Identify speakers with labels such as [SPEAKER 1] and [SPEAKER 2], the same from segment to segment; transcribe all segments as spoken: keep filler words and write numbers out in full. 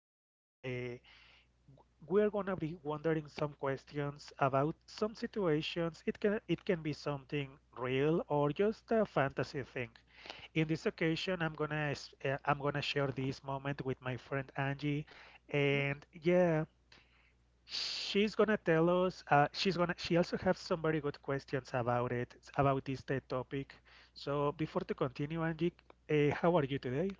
[SPEAKER 1] are just going to, uh, We are going to be wondering some questions about some situations. It can, it can be something real or just a fantasy thing. In this occasion, I'm gonna, s- uh, I'm gonna share this moment with my friend Angie, and yeah. She's gonna tell us. Uh, she's gonna. She also has some very good questions about it, about this TED topic. So before to continue, Angie, uh, how are you today?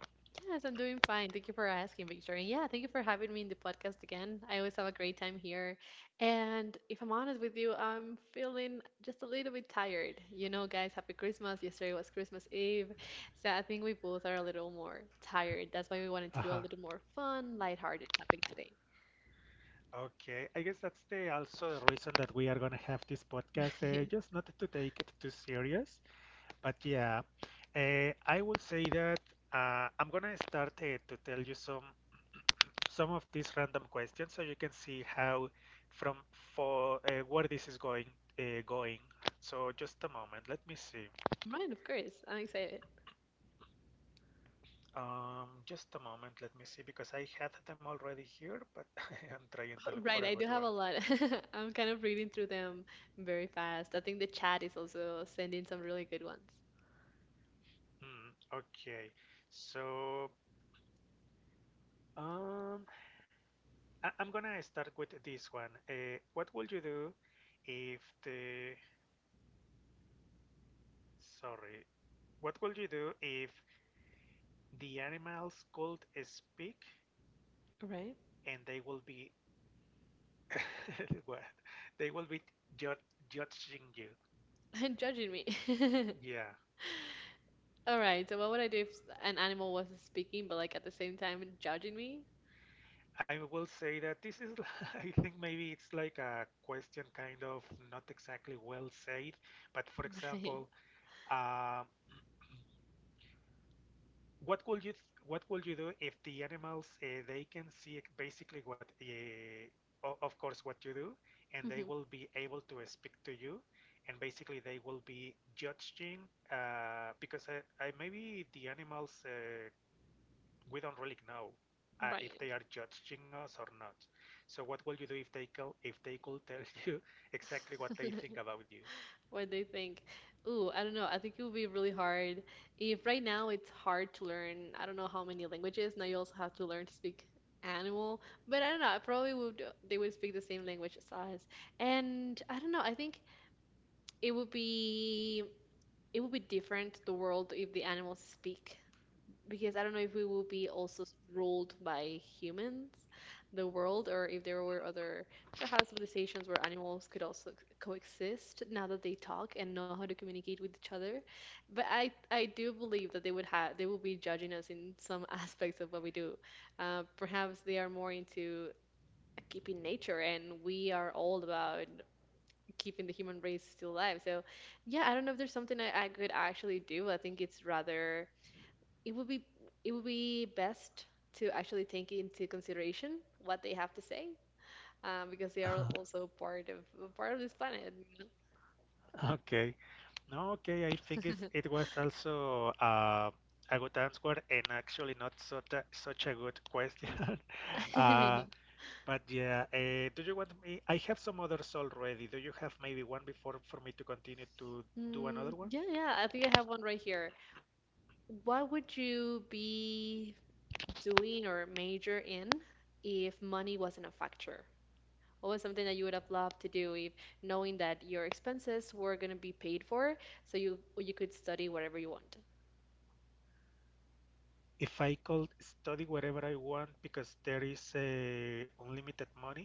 [SPEAKER 2] Yes, I'm doing fine. Thank you for asking, Victor. And yeah, thank you for having me in the podcast again. I always have a great time here. And if I'm honest with you, I'm feeling just a little bit tired. You know, guys, happy Christmas. Yesterday was Christmas Eve. So I think we both are a little more tired. That's why we wanted to do a
[SPEAKER 1] Uh-huh.
[SPEAKER 2] little more fun, lighthearted topic today.
[SPEAKER 1] Okay, I guess that's the also the reason that we are gonna have this podcast. Uh, just not to take it too serious, but yeah, uh, I will say that uh, I'm gonna start uh, to tell you some some of these random questions so you can see how from for uh, where this is going uh, going. So just a moment, let me see.
[SPEAKER 2] Right, of course. I'm excited.
[SPEAKER 1] Um just a moment, let me see, because I had them already here, but I am trying to look for
[SPEAKER 2] Right,
[SPEAKER 1] a
[SPEAKER 2] I do
[SPEAKER 1] good
[SPEAKER 2] have
[SPEAKER 1] one.
[SPEAKER 2] a lot. I'm kind of reading through them very fast. I think the chat is also sending some really good ones.
[SPEAKER 1] Hmm, okay, so um I- i'm gonna start with this one. Uh, what would you do if the sorry what would you do if the animals could speak
[SPEAKER 2] Right?
[SPEAKER 1] and they will be well, they will be jud judging you.
[SPEAKER 2] Judging me.
[SPEAKER 1] Yeah,
[SPEAKER 2] All right, so what would I do if an animal wasn't speaking, but like at the same time judging me?
[SPEAKER 1] I will say that this is, I think maybe it's like a question kind of not exactly well said, but for
[SPEAKER 2] Right.
[SPEAKER 1] example, uh, what would you what would you do if the animals uh, they can see basically what uh, o- of course what you do, and
[SPEAKER 2] hmm
[SPEAKER 1] they will be able to speak to you, and basically they will be judging uh, because I, I maybe the animals. Uh, we don't really know uh,
[SPEAKER 2] Right.
[SPEAKER 1] if they are judging us or not. So what will you do if they call, if they could tell you exactly what they think about you?
[SPEAKER 2] What they think. Ooh, I don't know. I think it would be really hard. If right now it's hard to learn, I don't know how many languages. Now you also have to learn to speak animal. But I don't know. I probably would, they would speak the same language as us. And I don't know. I think it would be, it would be different, the world, if the animals speak. Because I don't know if we will be also s- ruled by humans, the world, or if there were other perhaps civilizations where animals could also c- coexist now that they talk and know how to communicate with each other. But I I do believe that they would have they will be judging us in some aspects of what we do. Uh, perhaps they are more into keeping nature, and we are all about keeping the human race still alive. So yeah, I don't know if there's something I, I could actually do. I think it's rather it would be it would be best to actually take into consideration what they have to say, um, because they are also part of part of this planet, you
[SPEAKER 1] Okay. No, okay. I think it's, it was also uh, a good answer and actually not such a, such a good question.
[SPEAKER 2] know?
[SPEAKER 1] Uh, but yeah, uh, do you want me? I have some others already. Do you have maybe one before for me to continue to do
[SPEAKER 2] Mm,
[SPEAKER 1] another one?
[SPEAKER 2] yeah, yeah, I think I have one right here. What would you be doing or major in if money wasn't a factor? What was something that you would have loved to do if knowing that your expenses were going to be paid for, so you you could study whatever you want?
[SPEAKER 1] If I could study whatever I want because there is uh, unlimited money,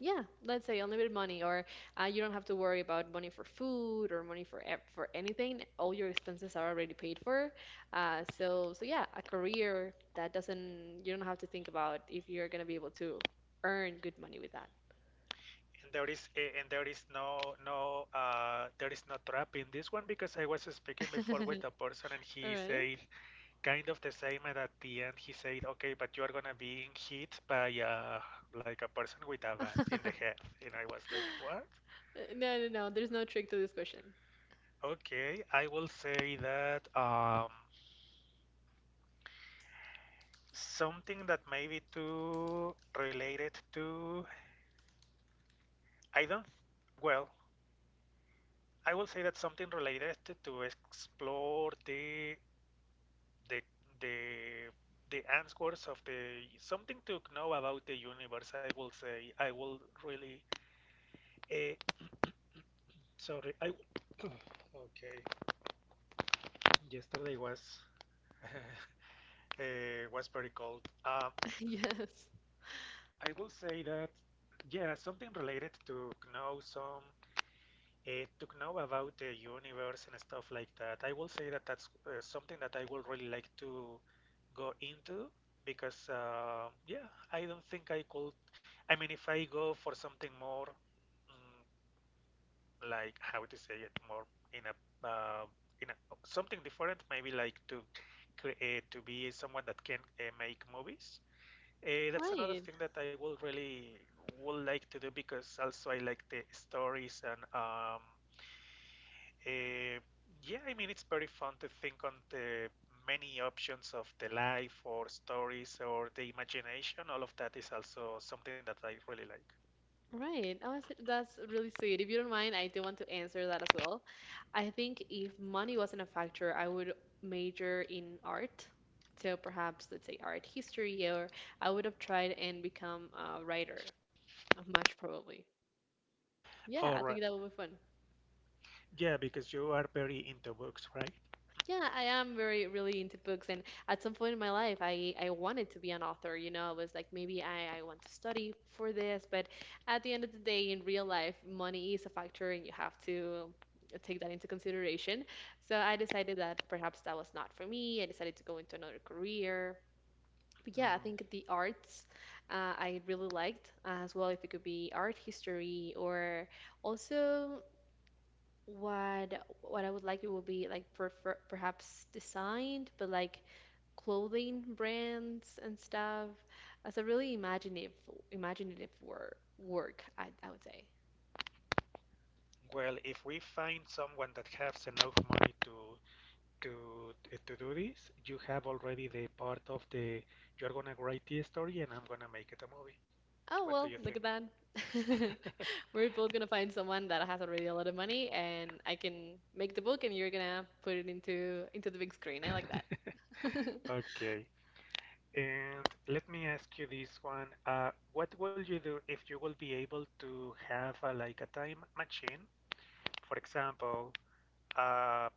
[SPEAKER 2] Yeah, let's say unlimited money, or uh, you don't have to worry about money for food or money for ev- for anything. All your expenses are already paid for. Uh, so so yeah, a career that doesn't you don't have to think about if you're gonna be able to earn good money with that.
[SPEAKER 1] and there is uh, and there is no no uh, there is no trap in this one, because I was speaking before with a person and he
[SPEAKER 2] All right.
[SPEAKER 1] said kind of the same, and at the end he said okay, but you are gonna be hit by uh, like a person with a bat in the head, and I was like what.
[SPEAKER 2] No, no, no. There's no trick to this question.
[SPEAKER 1] Okay, I will say that um, something that maybe too related to I don't well, I will say that something related to explore the the the the answers of the something to know about the universe. I will say I will really. Uh, sorry, I. Okay, yesterday was uh, was very cold. Um,
[SPEAKER 2] Yes.
[SPEAKER 1] I will say that yeah, something related to know some uh, to know about the universe and stuff like that. I will say that that's uh, something that I would really like to go into, because uh, yeah, I don't think I could. I mean, if I go for something more, mm, like how to say it, more in a, uh, in a something different, maybe like to create to be someone that can uh, make movies. Uh, that's another
[SPEAKER 2] Right.
[SPEAKER 1] thing that I would really would like to do, because also I like the stories, and um, uh, yeah, I mean, it's very fun to think on the many options of the life, or stories, or the imagination. All of that is also something that I really like.
[SPEAKER 2] Right. Oh, that's that's really sweet. If you don't mind, I do want to answer that as well. I think if money wasn't a factor, I would major in art. So perhaps let's say art history, or I would have tried and become a writer, uh, much probably. Yeah,
[SPEAKER 1] All
[SPEAKER 2] I think
[SPEAKER 1] right.
[SPEAKER 2] that would be fun.
[SPEAKER 1] Yeah, because you are very into books, right?
[SPEAKER 2] Yeah, I am very really into books, and at some point in my life I I wanted to be an author, you know, I was like maybe I I want to study for this, but at the end of the day in real life money is a factor and you have to take that into consideration. So I decided that perhaps that was not for me. I decided to go into another career. But yeah, I
[SPEAKER 1] Mm.
[SPEAKER 2] think the arts uh, I really liked as well if it could be art history, or also what what I would like it would be like prefer perhaps designed, but like clothing brands and stuff as a really imaginative imaginative wor work, I I would say.
[SPEAKER 1] Well, if we find someone that has enough money to to eh, to do this, you have already the part of the you're gonna write the story and I'm gonna make it a movie.
[SPEAKER 2] Oh
[SPEAKER 1] What do you
[SPEAKER 2] well,
[SPEAKER 1] think?
[SPEAKER 2] look at that. We're both gonna find someone that has already a lot of money, and I can make the book, and you're gonna put it into into the big screen. I like that.
[SPEAKER 1] Okay. And let me ask you this one. Uh, what will you do if you will be able to have uh, like a time machine, for example, uh,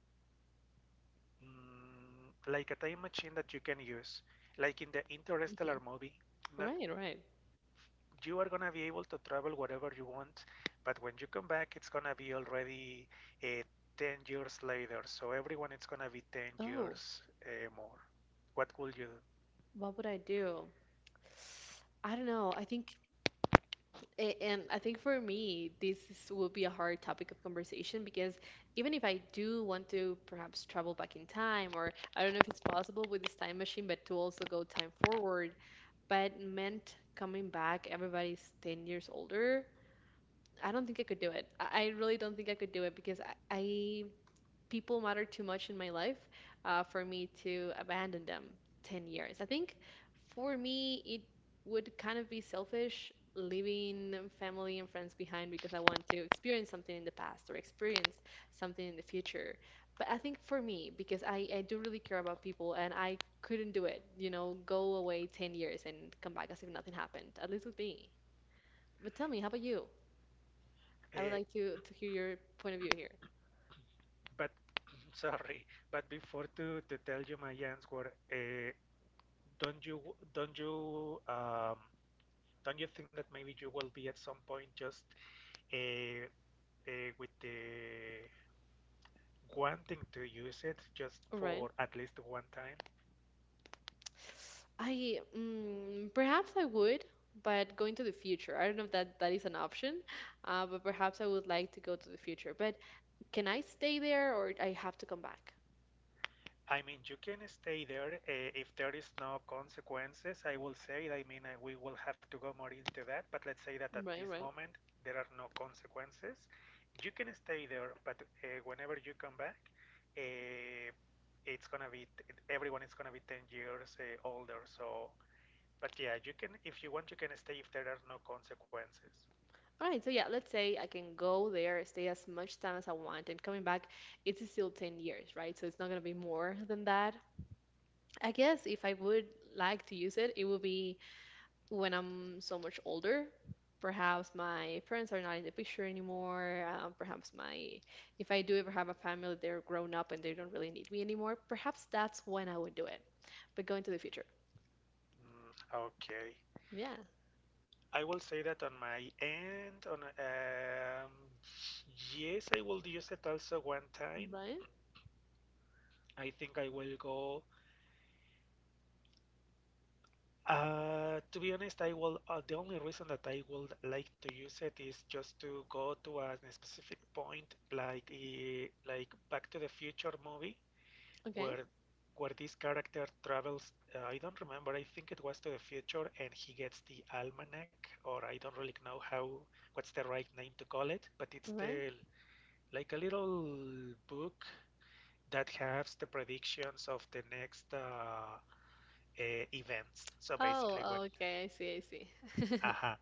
[SPEAKER 1] mm, like a time machine that you can use, like in the Interstellar
[SPEAKER 2] Mhm.
[SPEAKER 1] movie? Not
[SPEAKER 2] Right, right.
[SPEAKER 1] you are gonna be able to travel wherever you want, but when you come back, it's gonna be already uh, ten years later. So everyone, it's gonna be ten
[SPEAKER 2] Oh,
[SPEAKER 1] years uh, more. What will you do?
[SPEAKER 2] what would I do? I don't know. I think A- And I think for me, this is- will be a hard topic of conversation because even if I do want to perhaps travel back in time, or I don't know if it's possible with this time machine, but to also go time forward, but meant coming back, everybody's ten years older. I don't think I could do it. I I really don't think I could do it because I, I people matter too much in my life uh, for me to abandon them ten years. I think for me, it would kind of be selfish leaving family and friends behind because I want to experience something in the past or experience something in the future. But I think for me, because I, I do really care about people and I couldn't do it, you know, go away ten years and come back as if nothing happened, at least with me. But tell me, how about you? I would
[SPEAKER 1] Uh,
[SPEAKER 2] like to, to hear your point of view here.
[SPEAKER 1] But sorry, but before to, to tell you my answer, uh, don't you don't you um, don't you think that maybe you will be at some point just uh, uh, with the wanting to use it just
[SPEAKER 2] All
[SPEAKER 1] for at least one time?
[SPEAKER 2] I mm, Perhaps I would, but going to the future. I don't know if that that is an option, uh, but perhaps I would like to go to the future. But can I stay there, or I have to come back?
[SPEAKER 1] I mean, you can stay there uh, if there is no consequences. I will say, I mean, uh, we will have to go more into that, but let's say that at this
[SPEAKER 2] Right, right.
[SPEAKER 1] moment there are no consequences. You can stay there, but uh, whenever you come back, uh, it's gonna be t- everyone is gonna be ten years uh, older. So, but yeah, you can if you want, you can stay if there are no consequences.
[SPEAKER 2] All right, so yeah, let's say I can go there, stay as much time as I want, and coming back, it's still ten years, right? So it's not gonna be more than that. I guess if I would like to use it, it would be when I'm so much older, perhaps my parents are not in the picture anymore. Uh, perhaps my, if I do ever have a family, they're grown up and they don't really need me anymore. Perhaps that's when I would do it. But going to the future.
[SPEAKER 1] Mm, okay.
[SPEAKER 2] Yeah.
[SPEAKER 1] I will say that on my end, on um, yes, I will use it also one time.
[SPEAKER 2] Right?
[SPEAKER 1] I think I will go. Uh, to be honest, I will. Uh, the only reason that I would like to use it is just to go to a specific point, like uh, like Back to the Future movie,
[SPEAKER 2] Okay.
[SPEAKER 1] where where this character travels. Uh, I don't remember. I think it was to the future, and he gets the almanac, or I don't really know how what's the right name to call it, but it's
[SPEAKER 2] All right.
[SPEAKER 1] the like a little book that has the predictions of the next uh, uh, events. So basically, when
[SPEAKER 2] Oh, okay. I see. I see.
[SPEAKER 1] uh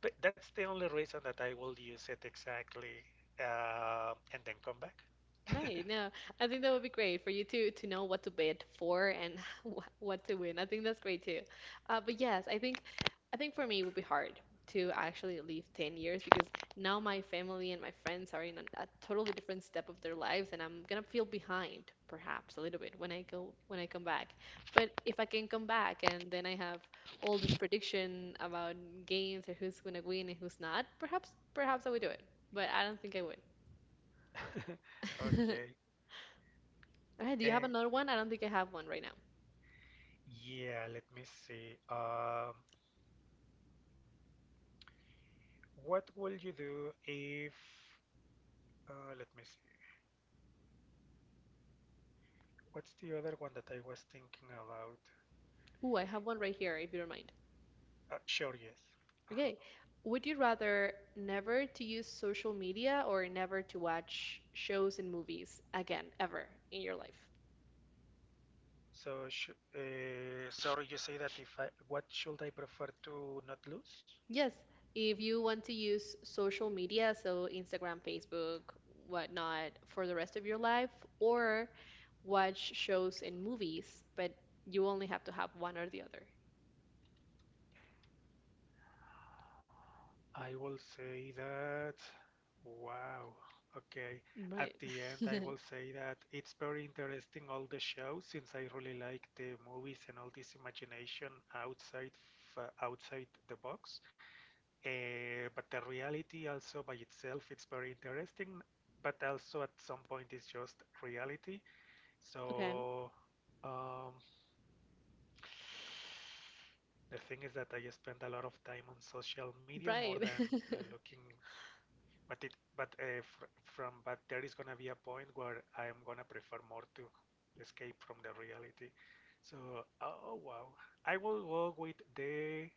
[SPEAKER 1] but that's the only reason that I will use it exactly, uh, and then come back.
[SPEAKER 2] Right. No, I think that would be great for you to to know what to bid for and wh- what to win. I think that's great too. Uh, but yes, I think I think for me it would be hard to actually leave ten years because now my family and my friends are in a, a totally different step of their lives and I'm gonna feel behind perhaps a little bit when I go when I come back. But if I can come back and then I have all this prediction about games or who's gonna win and who's not, perhaps perhaps I would do it. But I don't think I would.
[SPEAKER 1] Okay,
[SPEAKER 2] Okay, do you have
[SPEAKER 1] and
[SPEAKER 2] another one? I don't think I have one right now.
[SPEAKER 1] yeah, let me see. Um, what will you do if? Uh, let me see. What's the other one that I was thinking about?
[SPEAKER 2] Ooh, I have one right here, if you don't mind.
[SPEAKER 1] Uh, sure, yes. Uh-huh.
[SPEAKER 2] Okay. Would you rather never to use social media or never to watch shows and movies again, ever in your life?
[SPEAKER 1] So, sh uh, Sorry, you say that if I, what should I prefer to not lose?
[SPEAKER 2] Yes, if you want to use social media, so Instagram, Facebook, whatnot, for the rest of your life, or watch shows and movies, but you only have to have one or the other.
[SPEAKER 1] I will say that, wow, okay. At
[SPEAKER 2] Right.
[SPEAKER 1] the end, I will say that it's very interesting all the shows, since I really like the movies and all this imagination outside f outside the box. Uh, but the reality also by itself, it's very interesting, but also at some point it's just reality.
[SPEAKER 2] Okay.
[SPEAKER 1] So, um, the thing is that I spend a lot of time on social media, more
[SPEAKER 2] Right.
[SPEAKER 1] than looking, but it, but uh, fr from, but there is gonna be a point where I am gonna prefer more to escape from the reality. So, oh wow, I will go with the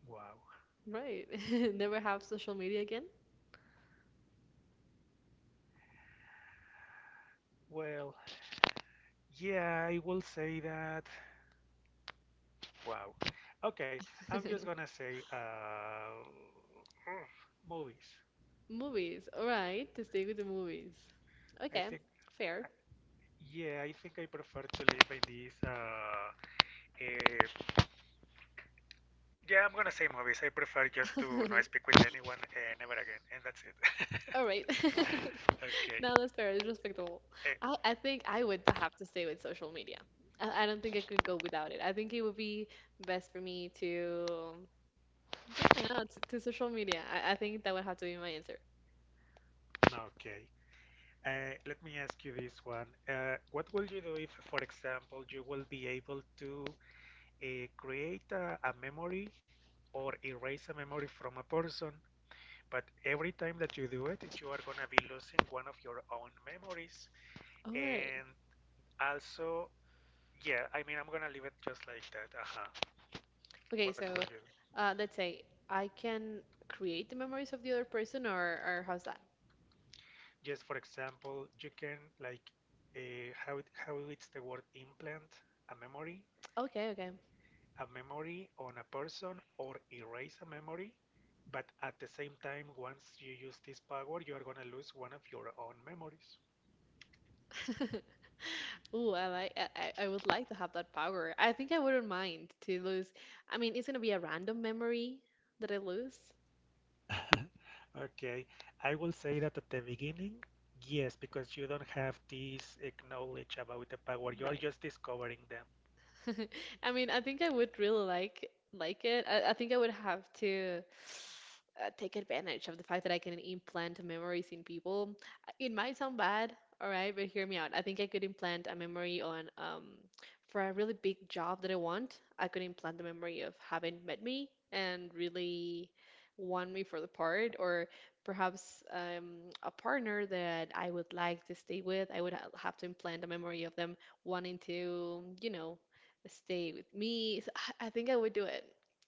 [SPEAKER 1] wow.
[SPEAKER 2] Right. Never have social media again?
[SPEAKER 1] Well, yeah, I will say that. Wow. Okay, I'm just gonna say uh, movies.
[SPEAKER 2] Movies. All right. To stay with the movies.
[SPEAKER 1] I
[SPEAKER 2] Okay.
[SPEAKER 1] think I,
[SPEAKER 2] Fair.
[SPEAKER 1] Yeah, I think I prefer to live by these. Uh, eh, yeah, I'm gonna say movies. I prefer just to not speak with anyone uh, never again, and that's it.
[SPEAKER 2] All right.
[SPEAKER 1] Okay.
[SPEAKER 2] No, that's fair. It's respectable.
[SPEAKER 1] Eh,
[SPEAKER 2] I, I think I would have to stay with social media. I, I don't think I could go without it. I think it would be best for me to, yeah, no, to, to social media. I, I think that would have to be my answer.
[SPEAKER 1] okay. Uh, let me ask you this one. Uh, what will you do if, for example, you will be able to uh, create a, a memory or erase a memory from a person, but every time that you do it, you are gonna be losing one of your own memories?
[SPEAKER 2] All right.
[SPEAKER 1] And also, yeah, I mean, I'm gonna leave it just like that. Uh-huh.
[SPEAKER 2] Okay,
[SPEAKER 1] What could
[SPEAKER 2] so
[SPEAKER 1] you?
[SPEAKER 2] uh, let's say I can create the memories of the other person, or, or how's that?
[SPEAKER 1] Just for example, you can like uh, how it, how it's the word implant a memory,
[SPEAKER 2] Okay, okay.
[SPEAKER 1] a memory on a person, or erase a memory, but at the same time, once you use this power, you are gonna lose one of your own memories.
[SPEAKER 2] Ooh, I like I, I I would like to have that power. I think I wouldn't mind to lose. I mean, it's gonna be a random memory that I lose.
[SPEAKER 1] Okay, I will say that at the beginning, yes, because you don't have this eh, knowledge about the power, you're
[SPEAKER 2] Right.
[SPEAKER 1] just discovering them.
[SPEAKER 2] I mean, I think I would really like like it. I, I think I would have to uh, take advantage of the fact that I can implant memories in people. It might sound bad, all right, but hear me out. I think I could implant a memory on um for a really big job that I want. I could implant the memory of having met me and really want me for the part, or perhaps um, a partner that I would like to stay with. I would ha have to implant a memory of them wanting to, you know, stay with me. So I I think I would do it.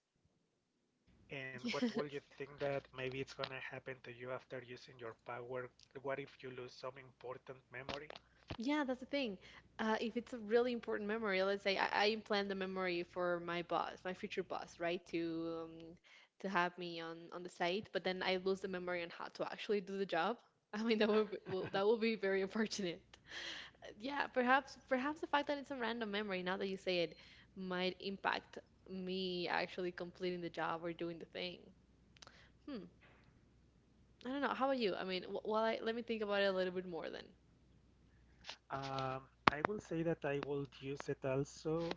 [SPEAKER 1] And
[SPEAKER 2] Yeah,
[SPEAKER 1] what will you think that maybe it's gonna happen to you after using your power? What if you lose some important memory?
[SPEAKER 2] yeah, that's the thing. Uh, if it's a really important memory, let's say I, I implant the memory for my boss, my future boss, right, to um, to have me on on the site, but then I lose the memory on how to actually do the job. I mean, that would be, well, that would be very unfortunate. Yeah, perhaps perhaps the fact that it's a random memory, now that you say it, might impact me actually completing the job or doing the thing. Hmm. I don't know. How about you? I mean, wh- while I let me think about it a little bit more then.
[SPEAKER 1] Um, I will say that I will use it also.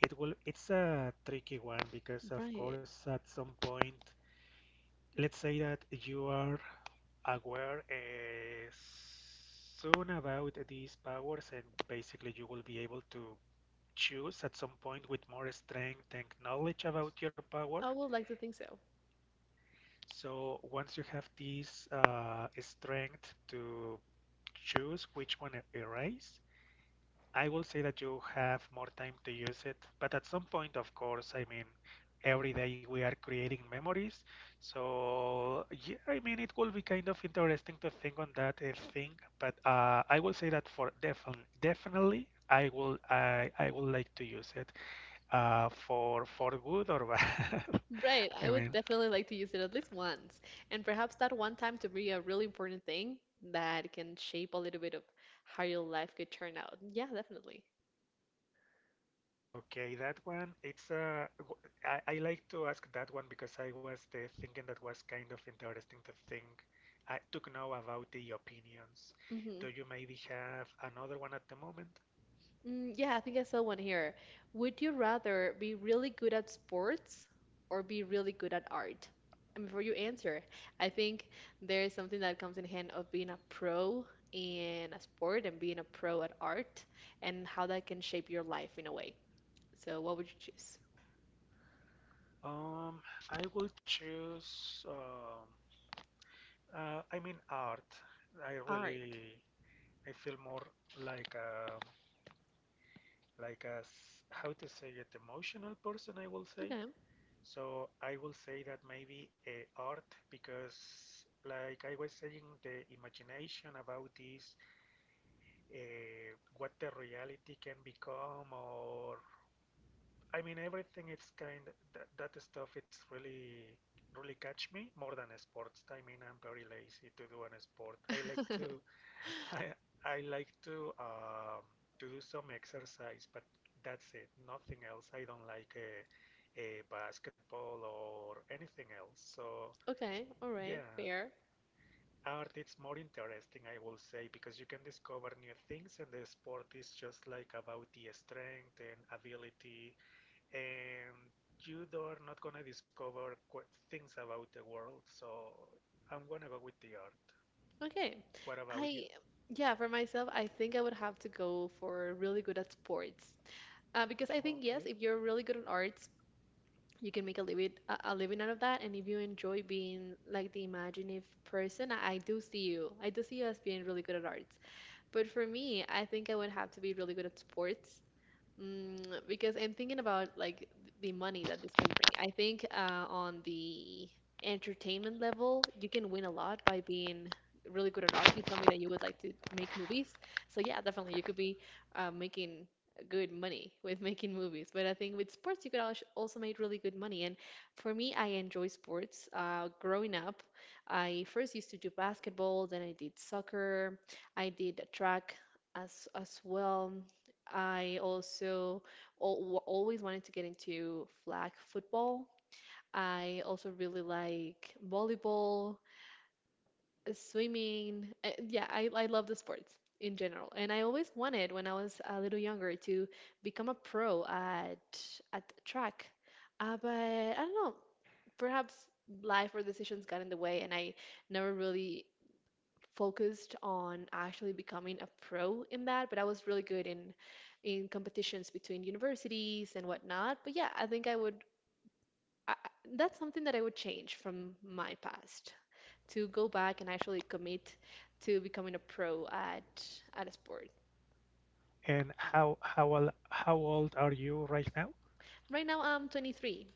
[SPEAKER 1] It will. It's a tricky one because, of
[SPEAKER 2] Right.
[SPEAKER 1] course, at some point, let's say that you are aware uh, soon about these powers, and basically you will be able to choose at some point with more strength and knowledge about your power.
[SPEAKER 2] I would like to think so.
[SPEAKER 1] So once you have this uh, strength to choose which one to erase, I will say that you have more time to use it. But at some point, of course, I mean, every day we are creating memories. So yeah, I mean, it will be kind of interesting to think on that uh, thing. But uh, I will say that for defin- definitely, I will I I would like to use it uh, for for good or bad.
[SPEAKER 2] Right.
[SPEAKER 1] I
[SPEAKER 2] I would
[SPEAKER 1] mean,
[SPEAKER 2] definitely like to use it at least once. And perhaps that one time to be a really important thing that can shape a little bit of how your life could turn out. Yeah, definitely.
[SPEAKER 1] okay, that one, it's uh, w- I, I like to ask that one because I was uh, thinking that was kind of interesting to think, uh, to know about the opinions. Do
[SPEAKER 2] Hmm.
[SPEAKER 1] you maybe have another one at the moment?
[SPEAKER 2] Mm, yeah, I think I saw one here. Would you rather be really good at sports or be really good at art? And before you answer, I think there is something that comes in hand of being a pro in a sport and being a pro at art and how that can shape your life in a way. So, what would you choose?
[SPEAKER 1] Um, I will choose, um uh, I mean art. I
[SPEAKER 2] Art.
[SPEAKER 1] really, I feel more like a like as, how to say it, emotional person, I will say.
[SPEAKER 2] Okay.
[SPEAKER 1] So I will say that maybe uh, art, because like I was saying, the imagination about this, uh, what the reality can become, or I mean, everything. It's kind of, that that stuff. It's really really catch me more than sports. I mean, I'm very lazy to do an sport. I like to I I like to um, to do some exercise, but that's it. Nothing else. I don't like a, a basketball or anything else. So
[SPEAKER 2] Okay, all right,
[SPEAKER 1] yeah,
[SPEAKER 2] fair.
[SPEAKER 1] art it's more interesting, I will say, because you can discover new things, and the sport is just like about the strength and ability and you are not gonna discover qu- things about the world. So I'm gonna go with the art.
[SPEAKER 2] Okay.
[SPEAKER 1] What about you?
[SPEAKER 2] I, yeah, for myself, I think I would have to go for really good at sports. Uh, because I think yes,
[SPEAKER 1] Okay.
[SPEAKER 2] if you're really good at arts, you can make a living a, a living out of that. And if you enjoy being like the imaginative person, I, I do see you. I do see you as being really good at arts. But for me, I think I would have to be really good at sports. Mm, because I'm thinking about like the money that this can bring. I think uh, on the entertainment level, you can win a lot by being really good at art. You told me that you would like to make movies. So yeah, definitely you could be uh, making good money with making movies. But I think with sports, you could als- also make really good money. And for me, I enjoy sports. Uh, growing up, I first used to do basketball, then I did soccer, I did track as as well. I also al always wanted to get into flag football. I also really like volleyball, uh, swimming. Uh, yeah, I, I love the sports in general. And I always wanted, when I was a little younger, to become a pro at at track. Uh, but I don't know, perhaps life or decisions got in the way, and I never really focused on actually becoming a pro in that, but I was really good in in competitions between universities and whatnot. But yeah, I think I would I, I- that's something that I would change from my past to go back and actually commit to becoming a pro at at a sport.
[SPEAKER 1] And how how old, how old are you right now?
[SPEAKER 2] Right now I'm twenty-three,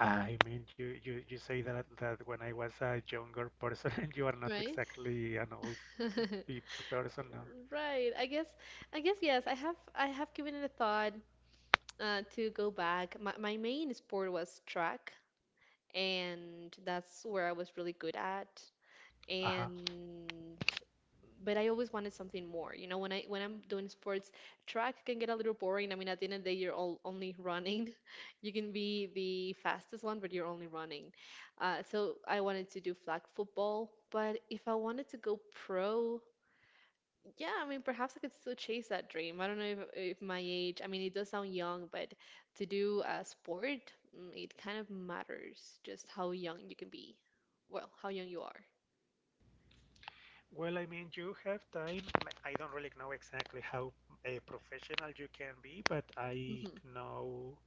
[SPEAKER 1] I mean, you, you, you say that that when I was a younger person, and you are not
[SPEAKER 2] right?
[SPEAKER 1] exactly an old pe person now.
[SPEAKER 2] Right. I guess I guess yes, I have I have given it a thought uh, to go back. My my main sport was track. And that's where I was really good at.
[SPEAKER 1] Uh-huh.
[SPEAKER 2] And but I always wanted something more. You know, when I when I'm doing sports, track can get a little boring. I mean, at the end of the day, you're all only running. You can be the fastest one, but you're only running. Uh, so I wanted to do flag football. But if I wanted to go pro, yeah, I mean, perhaps I could still chase that dream. I don't know if, if my age, I mean, it does sound young, but to do a sport, mm, it kind of matters just how young you can be. Well, how young you are.
[SPEAKER 1] Well, I mean, you have time. I don't really know exactly how uh, professional you can be, but I
[SPEAKER 2] Hmm.
[SPEAKER 1] know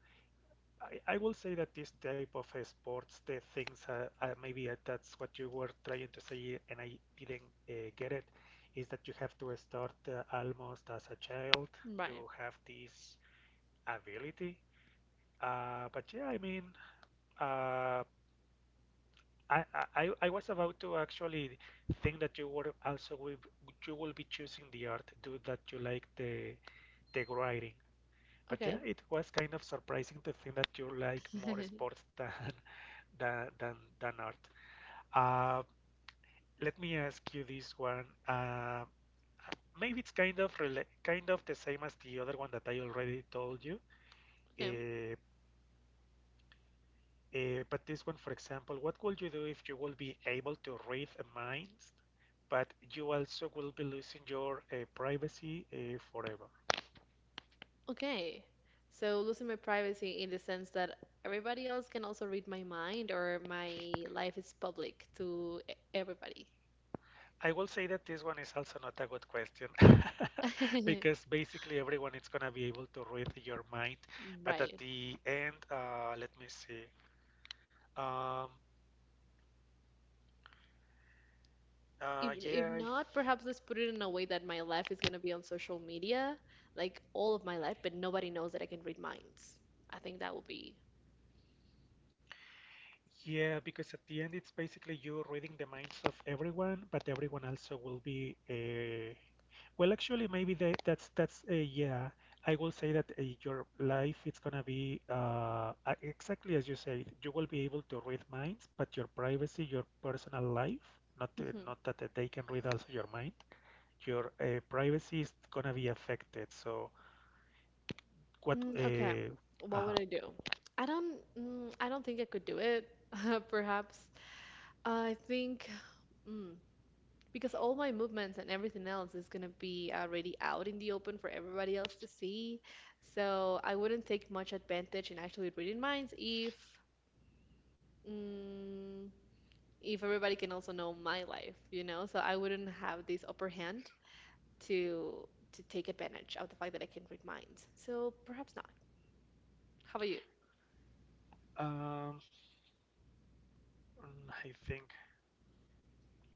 [SPEAKER 1] I, I will say that this type of uh, sports, the things, uh, uh, maybe uh, that's what you were trying to say, and I didn't uh, get it, is that you have to start uh, almost as a child to
[SPEAKER 2] Right.
[SPEAKER 1] have this ability. Uh, but yeah, I mean, uh, I, I I was about to actually think that you were also will, you will be choosing the art, do that you like the the writing. But
[SPEAKER 2] Okay.
[SPEAKER 1] yeah, it was kind of surprising to think that you like more sports than than than than art. Uh, let me ask you this one. Uh, maybe it's kind of rela kind of the same as the other one that I already told you.
[SPEAKER 2] Okay.
[SPEAKER 1] Uh, uh, but this one, for example, what would you do if you will be able to read minds, but you also will be losing your uh, privacy uh, forever?
[SPEAKER 2] Okay. So losing my privacy in the sense that everybody else can also read my mind or my life is public to e- everybody.
[SPEAKER 1] I will say that this one is also not a good question because basically everyone is gonna be able to read your mind, but at
[SPEAKER 2] Right.
[SPEAKER 1] the end, uh, let me see. Um, Uh,
[SPEAKER 2] If, if
[SPEAKER 1] yeah, if,
[SPEAKER 2] not, perhaps let's put it in a way that my life is going to be on social media, like all of my life, but nobody knows that I can read minds. I think that would be.
[SPEAKER 1] yeah, because at the end it's basically you reading the minds of everyone, but everyone also will be uh, well, actually, maybe they, that's that's uh, yeah. I will say that uh, your life it's gonna be uh, uh, exactly as you said. You will be able to read minds, but your privacy, your personal life, not uh,
[SPEAKER 2] Hmm.
[SPEAKER 1] not that uh, they can read also your mind. Your uh, privacy is gonna be affected. So what?
[SPEAKER 2] Mm, okay.
[SPEAKER 1] Uh,
[SPEAKER 2] What
[SPEAKER 1] uh-huh.
[SPEAKER 2] would I do? I don't mm, I don't think I could do it, perhaps. I think mm, because all my movements and everything else is going to be already out in the open for everybody else to see. So I wouldn't take much advantage in actually reading minds if mm, if everybody can also know my life, you know? So I wouldn't have this upper hand to to take advantage of the fact that I can read minds. So perhaps not. How about you?
[SPEAKER 1] Um, mm, I think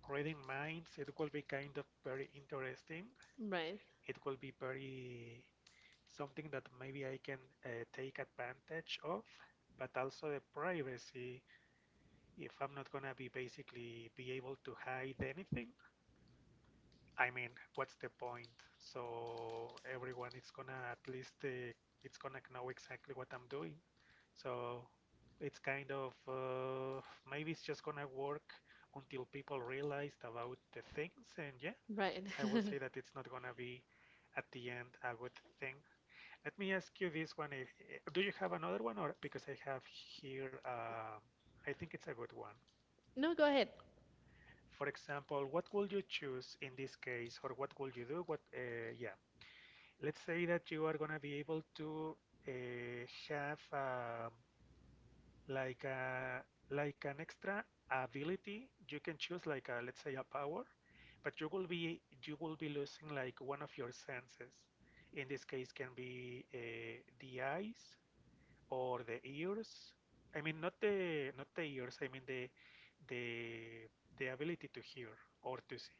[SPEAKER 1] reading minds, it will be kind of very interesting.
[SPEAKER 2] Right.
[SPEAKER 1] It will be very something that maybe I can uh, take advantage of, but also the privacy. If I'm not gonna be basically be able to hide anything, I mean, what's the point? So everyone is gonna at least uh, it's gonna know exactly what I'm doing. So it's kind of uh, maybe it's just gonna work until people realized about the things and yeah
[SPEAKER 2] Right.
[SPEAKER 1] I will say that it's not gonna be at the end a good thing. Let me ask you this one: if, do you have another one, or because I have here, uh, I think it's a good one.
[SPEAKER 2] No, go ahead.
[SPEAKER 1] For example, what would you choose in this case, or what would you do? What, uh, yeah. Let's say that you are gonna be able to uh, have um, like a like an extra ability you can choose like a, let's say a power but you will be you will be losing like one of your senses in this case can be uh, the eyes or the ears, I mean not the not the ears, I mean the the the ability to hear or to see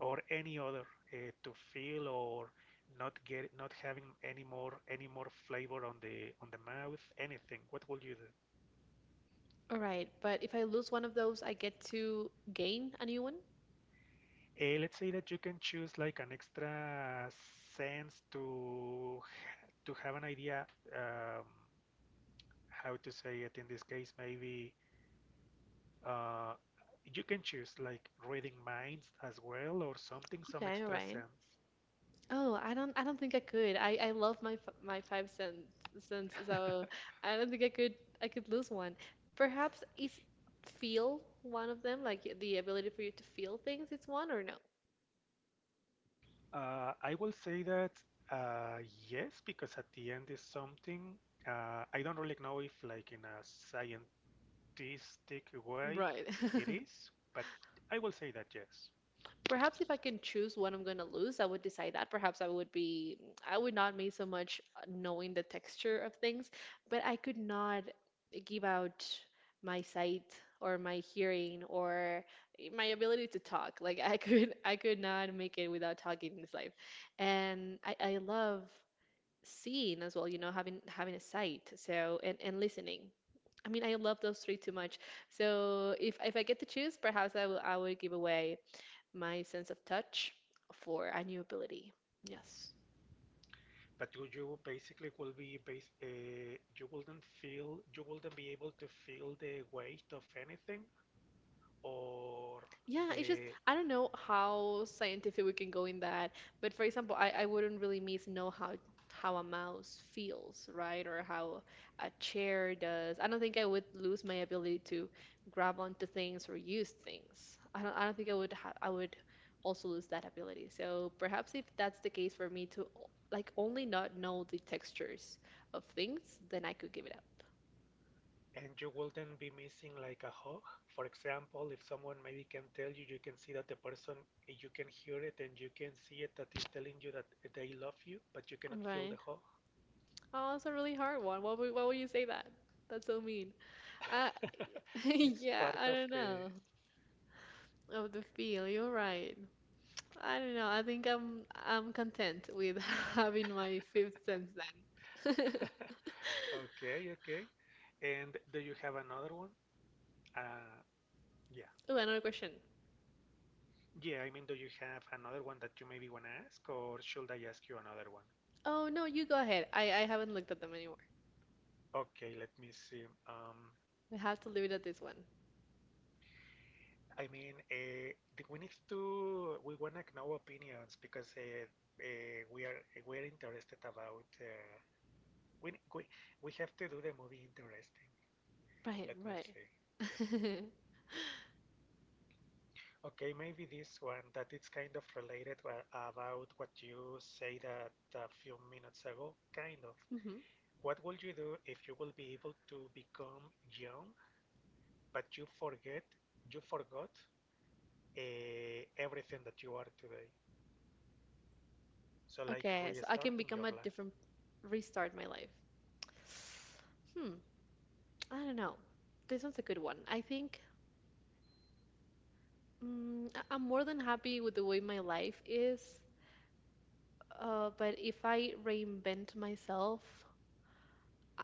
[SPEAKER 1] or any other, uh, to feel or not get not having any more any more flavor on the on the mouth, anything, what will you do?
[SPEAKER 2] All right, but if I lose one of those, I get to gain a new one?
[SPEAKER 1] Uh, let's say that you can choose like an extra sense to to have an idea, um, how to say it in this case, maybe uh, you can choose like reading minds as well or something, some
[SPEAKER 2] Okay, all
[SPEAKER 1] extra
[SPEAKER 2] right.
[SPEAKER 1] sense.
[SPEAKER 2] Oh, I don't I don't think I could. I I love my f- my five cents, cents, so I don't think I could I could lose one. Perhaps is feel one of them, like the ability for you to feel things, it's one or no?
[SPEAKER 1] uh, I will say that uh, yes, because at the end is something, uh, I don't really know if like in a scientific way
[SPEAKER 2] Right.
[SPEAKER 1] it is, but I will say that yes.
[SPEAKER 2] Perhaps if I can choose what I'm gonna lose, I would decide that. Perhaps I would be, I would not make so much uh, knowing the texture of things, but I could not give out my sight or my hearing or my ability to talk. Like I could, I could not make it without talking in this life. And I, I love seeing as well, you know, having having a sight. So and and listening. I mean, I love those three too much. So if if I get to choose, perhaps I will I would give away my sense of touch for a new ability. Yes.
[SPEAKER 1] But you, you basically will be base, uh, you wouldn't feel you wouldn't be able to feel the weight of anything or
[SPEAKER 2] Yeah, it's just
[SPEAKER 1] the
[SPEAKER 2] I don't know how scientific we can go in that, but for example, I, I wouldn't really miss know how how a mouse feels, right? Or how a chair does. I don't think I would lose my ability to grab onto things or use things. I don't I don't think I would ha I would also lose that ability. So perhaps if that's the case for me to o- like only not know the textures of things, then I could give it up.
[SPEAKER 1] and you wouldn't be missing like a hug, for example, if someone maybe can tell you, you can see that the person, you can hear it and you can see it, that is telling you that they love you but you cannot feel
[SPEAKER 2] Right.
[SPEAKER 1] the hug.
[SPEAKER 2] Oh, that's a really hard one. Why would why would you say that? That's so mean. I
[SPEAKER 1] It's
[SPEAKER 2] Yeah,
[SPEAKER 1] part
[SPEAKER 2] I
[SPEAKER 1] of
[SPEAKER 2] don't
[SPEAKER 1] the
[SPEAKER 2] know. Of the feel, you're right. I don't know. I think I'm I'm content with having my fifth sense then.
[SPEAKER 1] okay, okay, and do you have another one, uh yeah?
[SPEAKER 2] Oh, another question.
[SPEAKER 1] Yeah, I mean, do you have another one that you maybe want to ask, or should I ask you another one?
[SPEAKER 2] Oh no, you go ahead. I I haven't looked at them anymore.
[SPEAKER 1] Okay, let me see. Um,
[SPEAKER 2] We have to leave it at this one.
[SPEAKER 1] I mean, uh, th- we need to we want to know opinions because uh, uh, we are eh, we're interested about uh, we, we we have to do the movie interesting.
[SPEAKER 2] Right,
[SPEAKER 1] Let me
[SPEAKER 2] right.
[SPEAKER 1] see. Okay, maybe this one that it's kind of related wha- about what you say that a few minutes ago, kind of.
[SPEAKER 2] Hmm.
[SPEAKER 1] What would you do if you will be able to become young but you forget you forgot uh, everything that you are today, so like
[SPEAKER 2] Okay, so I can
[SPEAKER 1] restarting your
[SPEAKER 2] become a
[SPEAKER 1] life?
[SPEAKER 2] different, restart my life. Hmm, I don't know. This one's a good one. I think Mm, I- I'm more than happy with the way my life is, uh, but if I reinvent myself,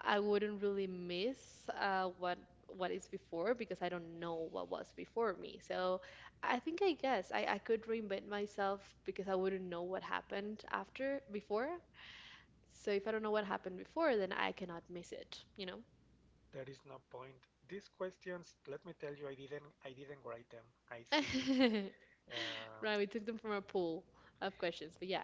[SPEAKER 2] I wouldn't really miss uh, what what is before because I don't know what was before me. So I think I guess I, I could reinvent myself because I wouldn't know what happened after before. So if I don't know what happened before, then I cannot miss it, you know?
[SPEAKER 1] There is no point. These questions, let me tell you, i didn't I didn't write them, I see. um,
[SPEAKER 2] Right, we took them from a pool of questions, but yeah,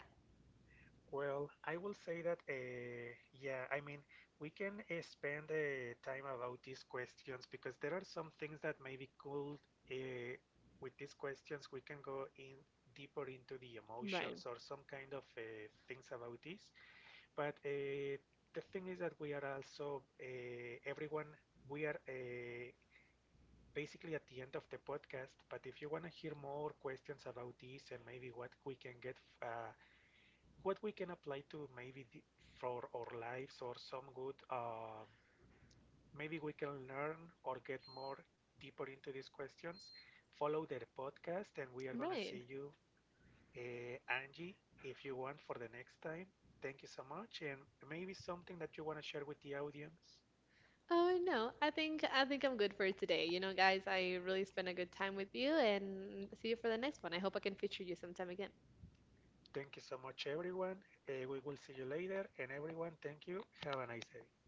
[SPEAKER 1] well, I will say that uh, yeah, I mean, we can uh, spend uh, time about these questions because there are some things that maybe could uh, with these questions we can go in deeper into the
[SPEAKER 2] right,
[SPEAKER 1] emotions or some kind of uh, things about this. But uh, the thing is that we are also uh, everyone. We are uh, basically at the end of the podcast. But if you want to hear more questions about this and maybe what we can get, uh, what we can apply to maybe the, for our lives or some good, uh, maybe we can learn or get more deeper into these questions. Follow their podcast, and we are gonna see
[SPEAKER 2] right.
[SPEAKER 1] you, uh, Angie, if you want for the next time, thank you so much. And maybe something that you want to share with the audience.
[SPEAKER 2] Oh no, I think I think I'm good for today. You know, guys, I really spent a good time with you and see you for the next one. I hope I can feature you sometime again.
[SPEAKER 1] Thank you so much, everyone. Uh, we will see you later. And everyone, thank you. Have a nice day.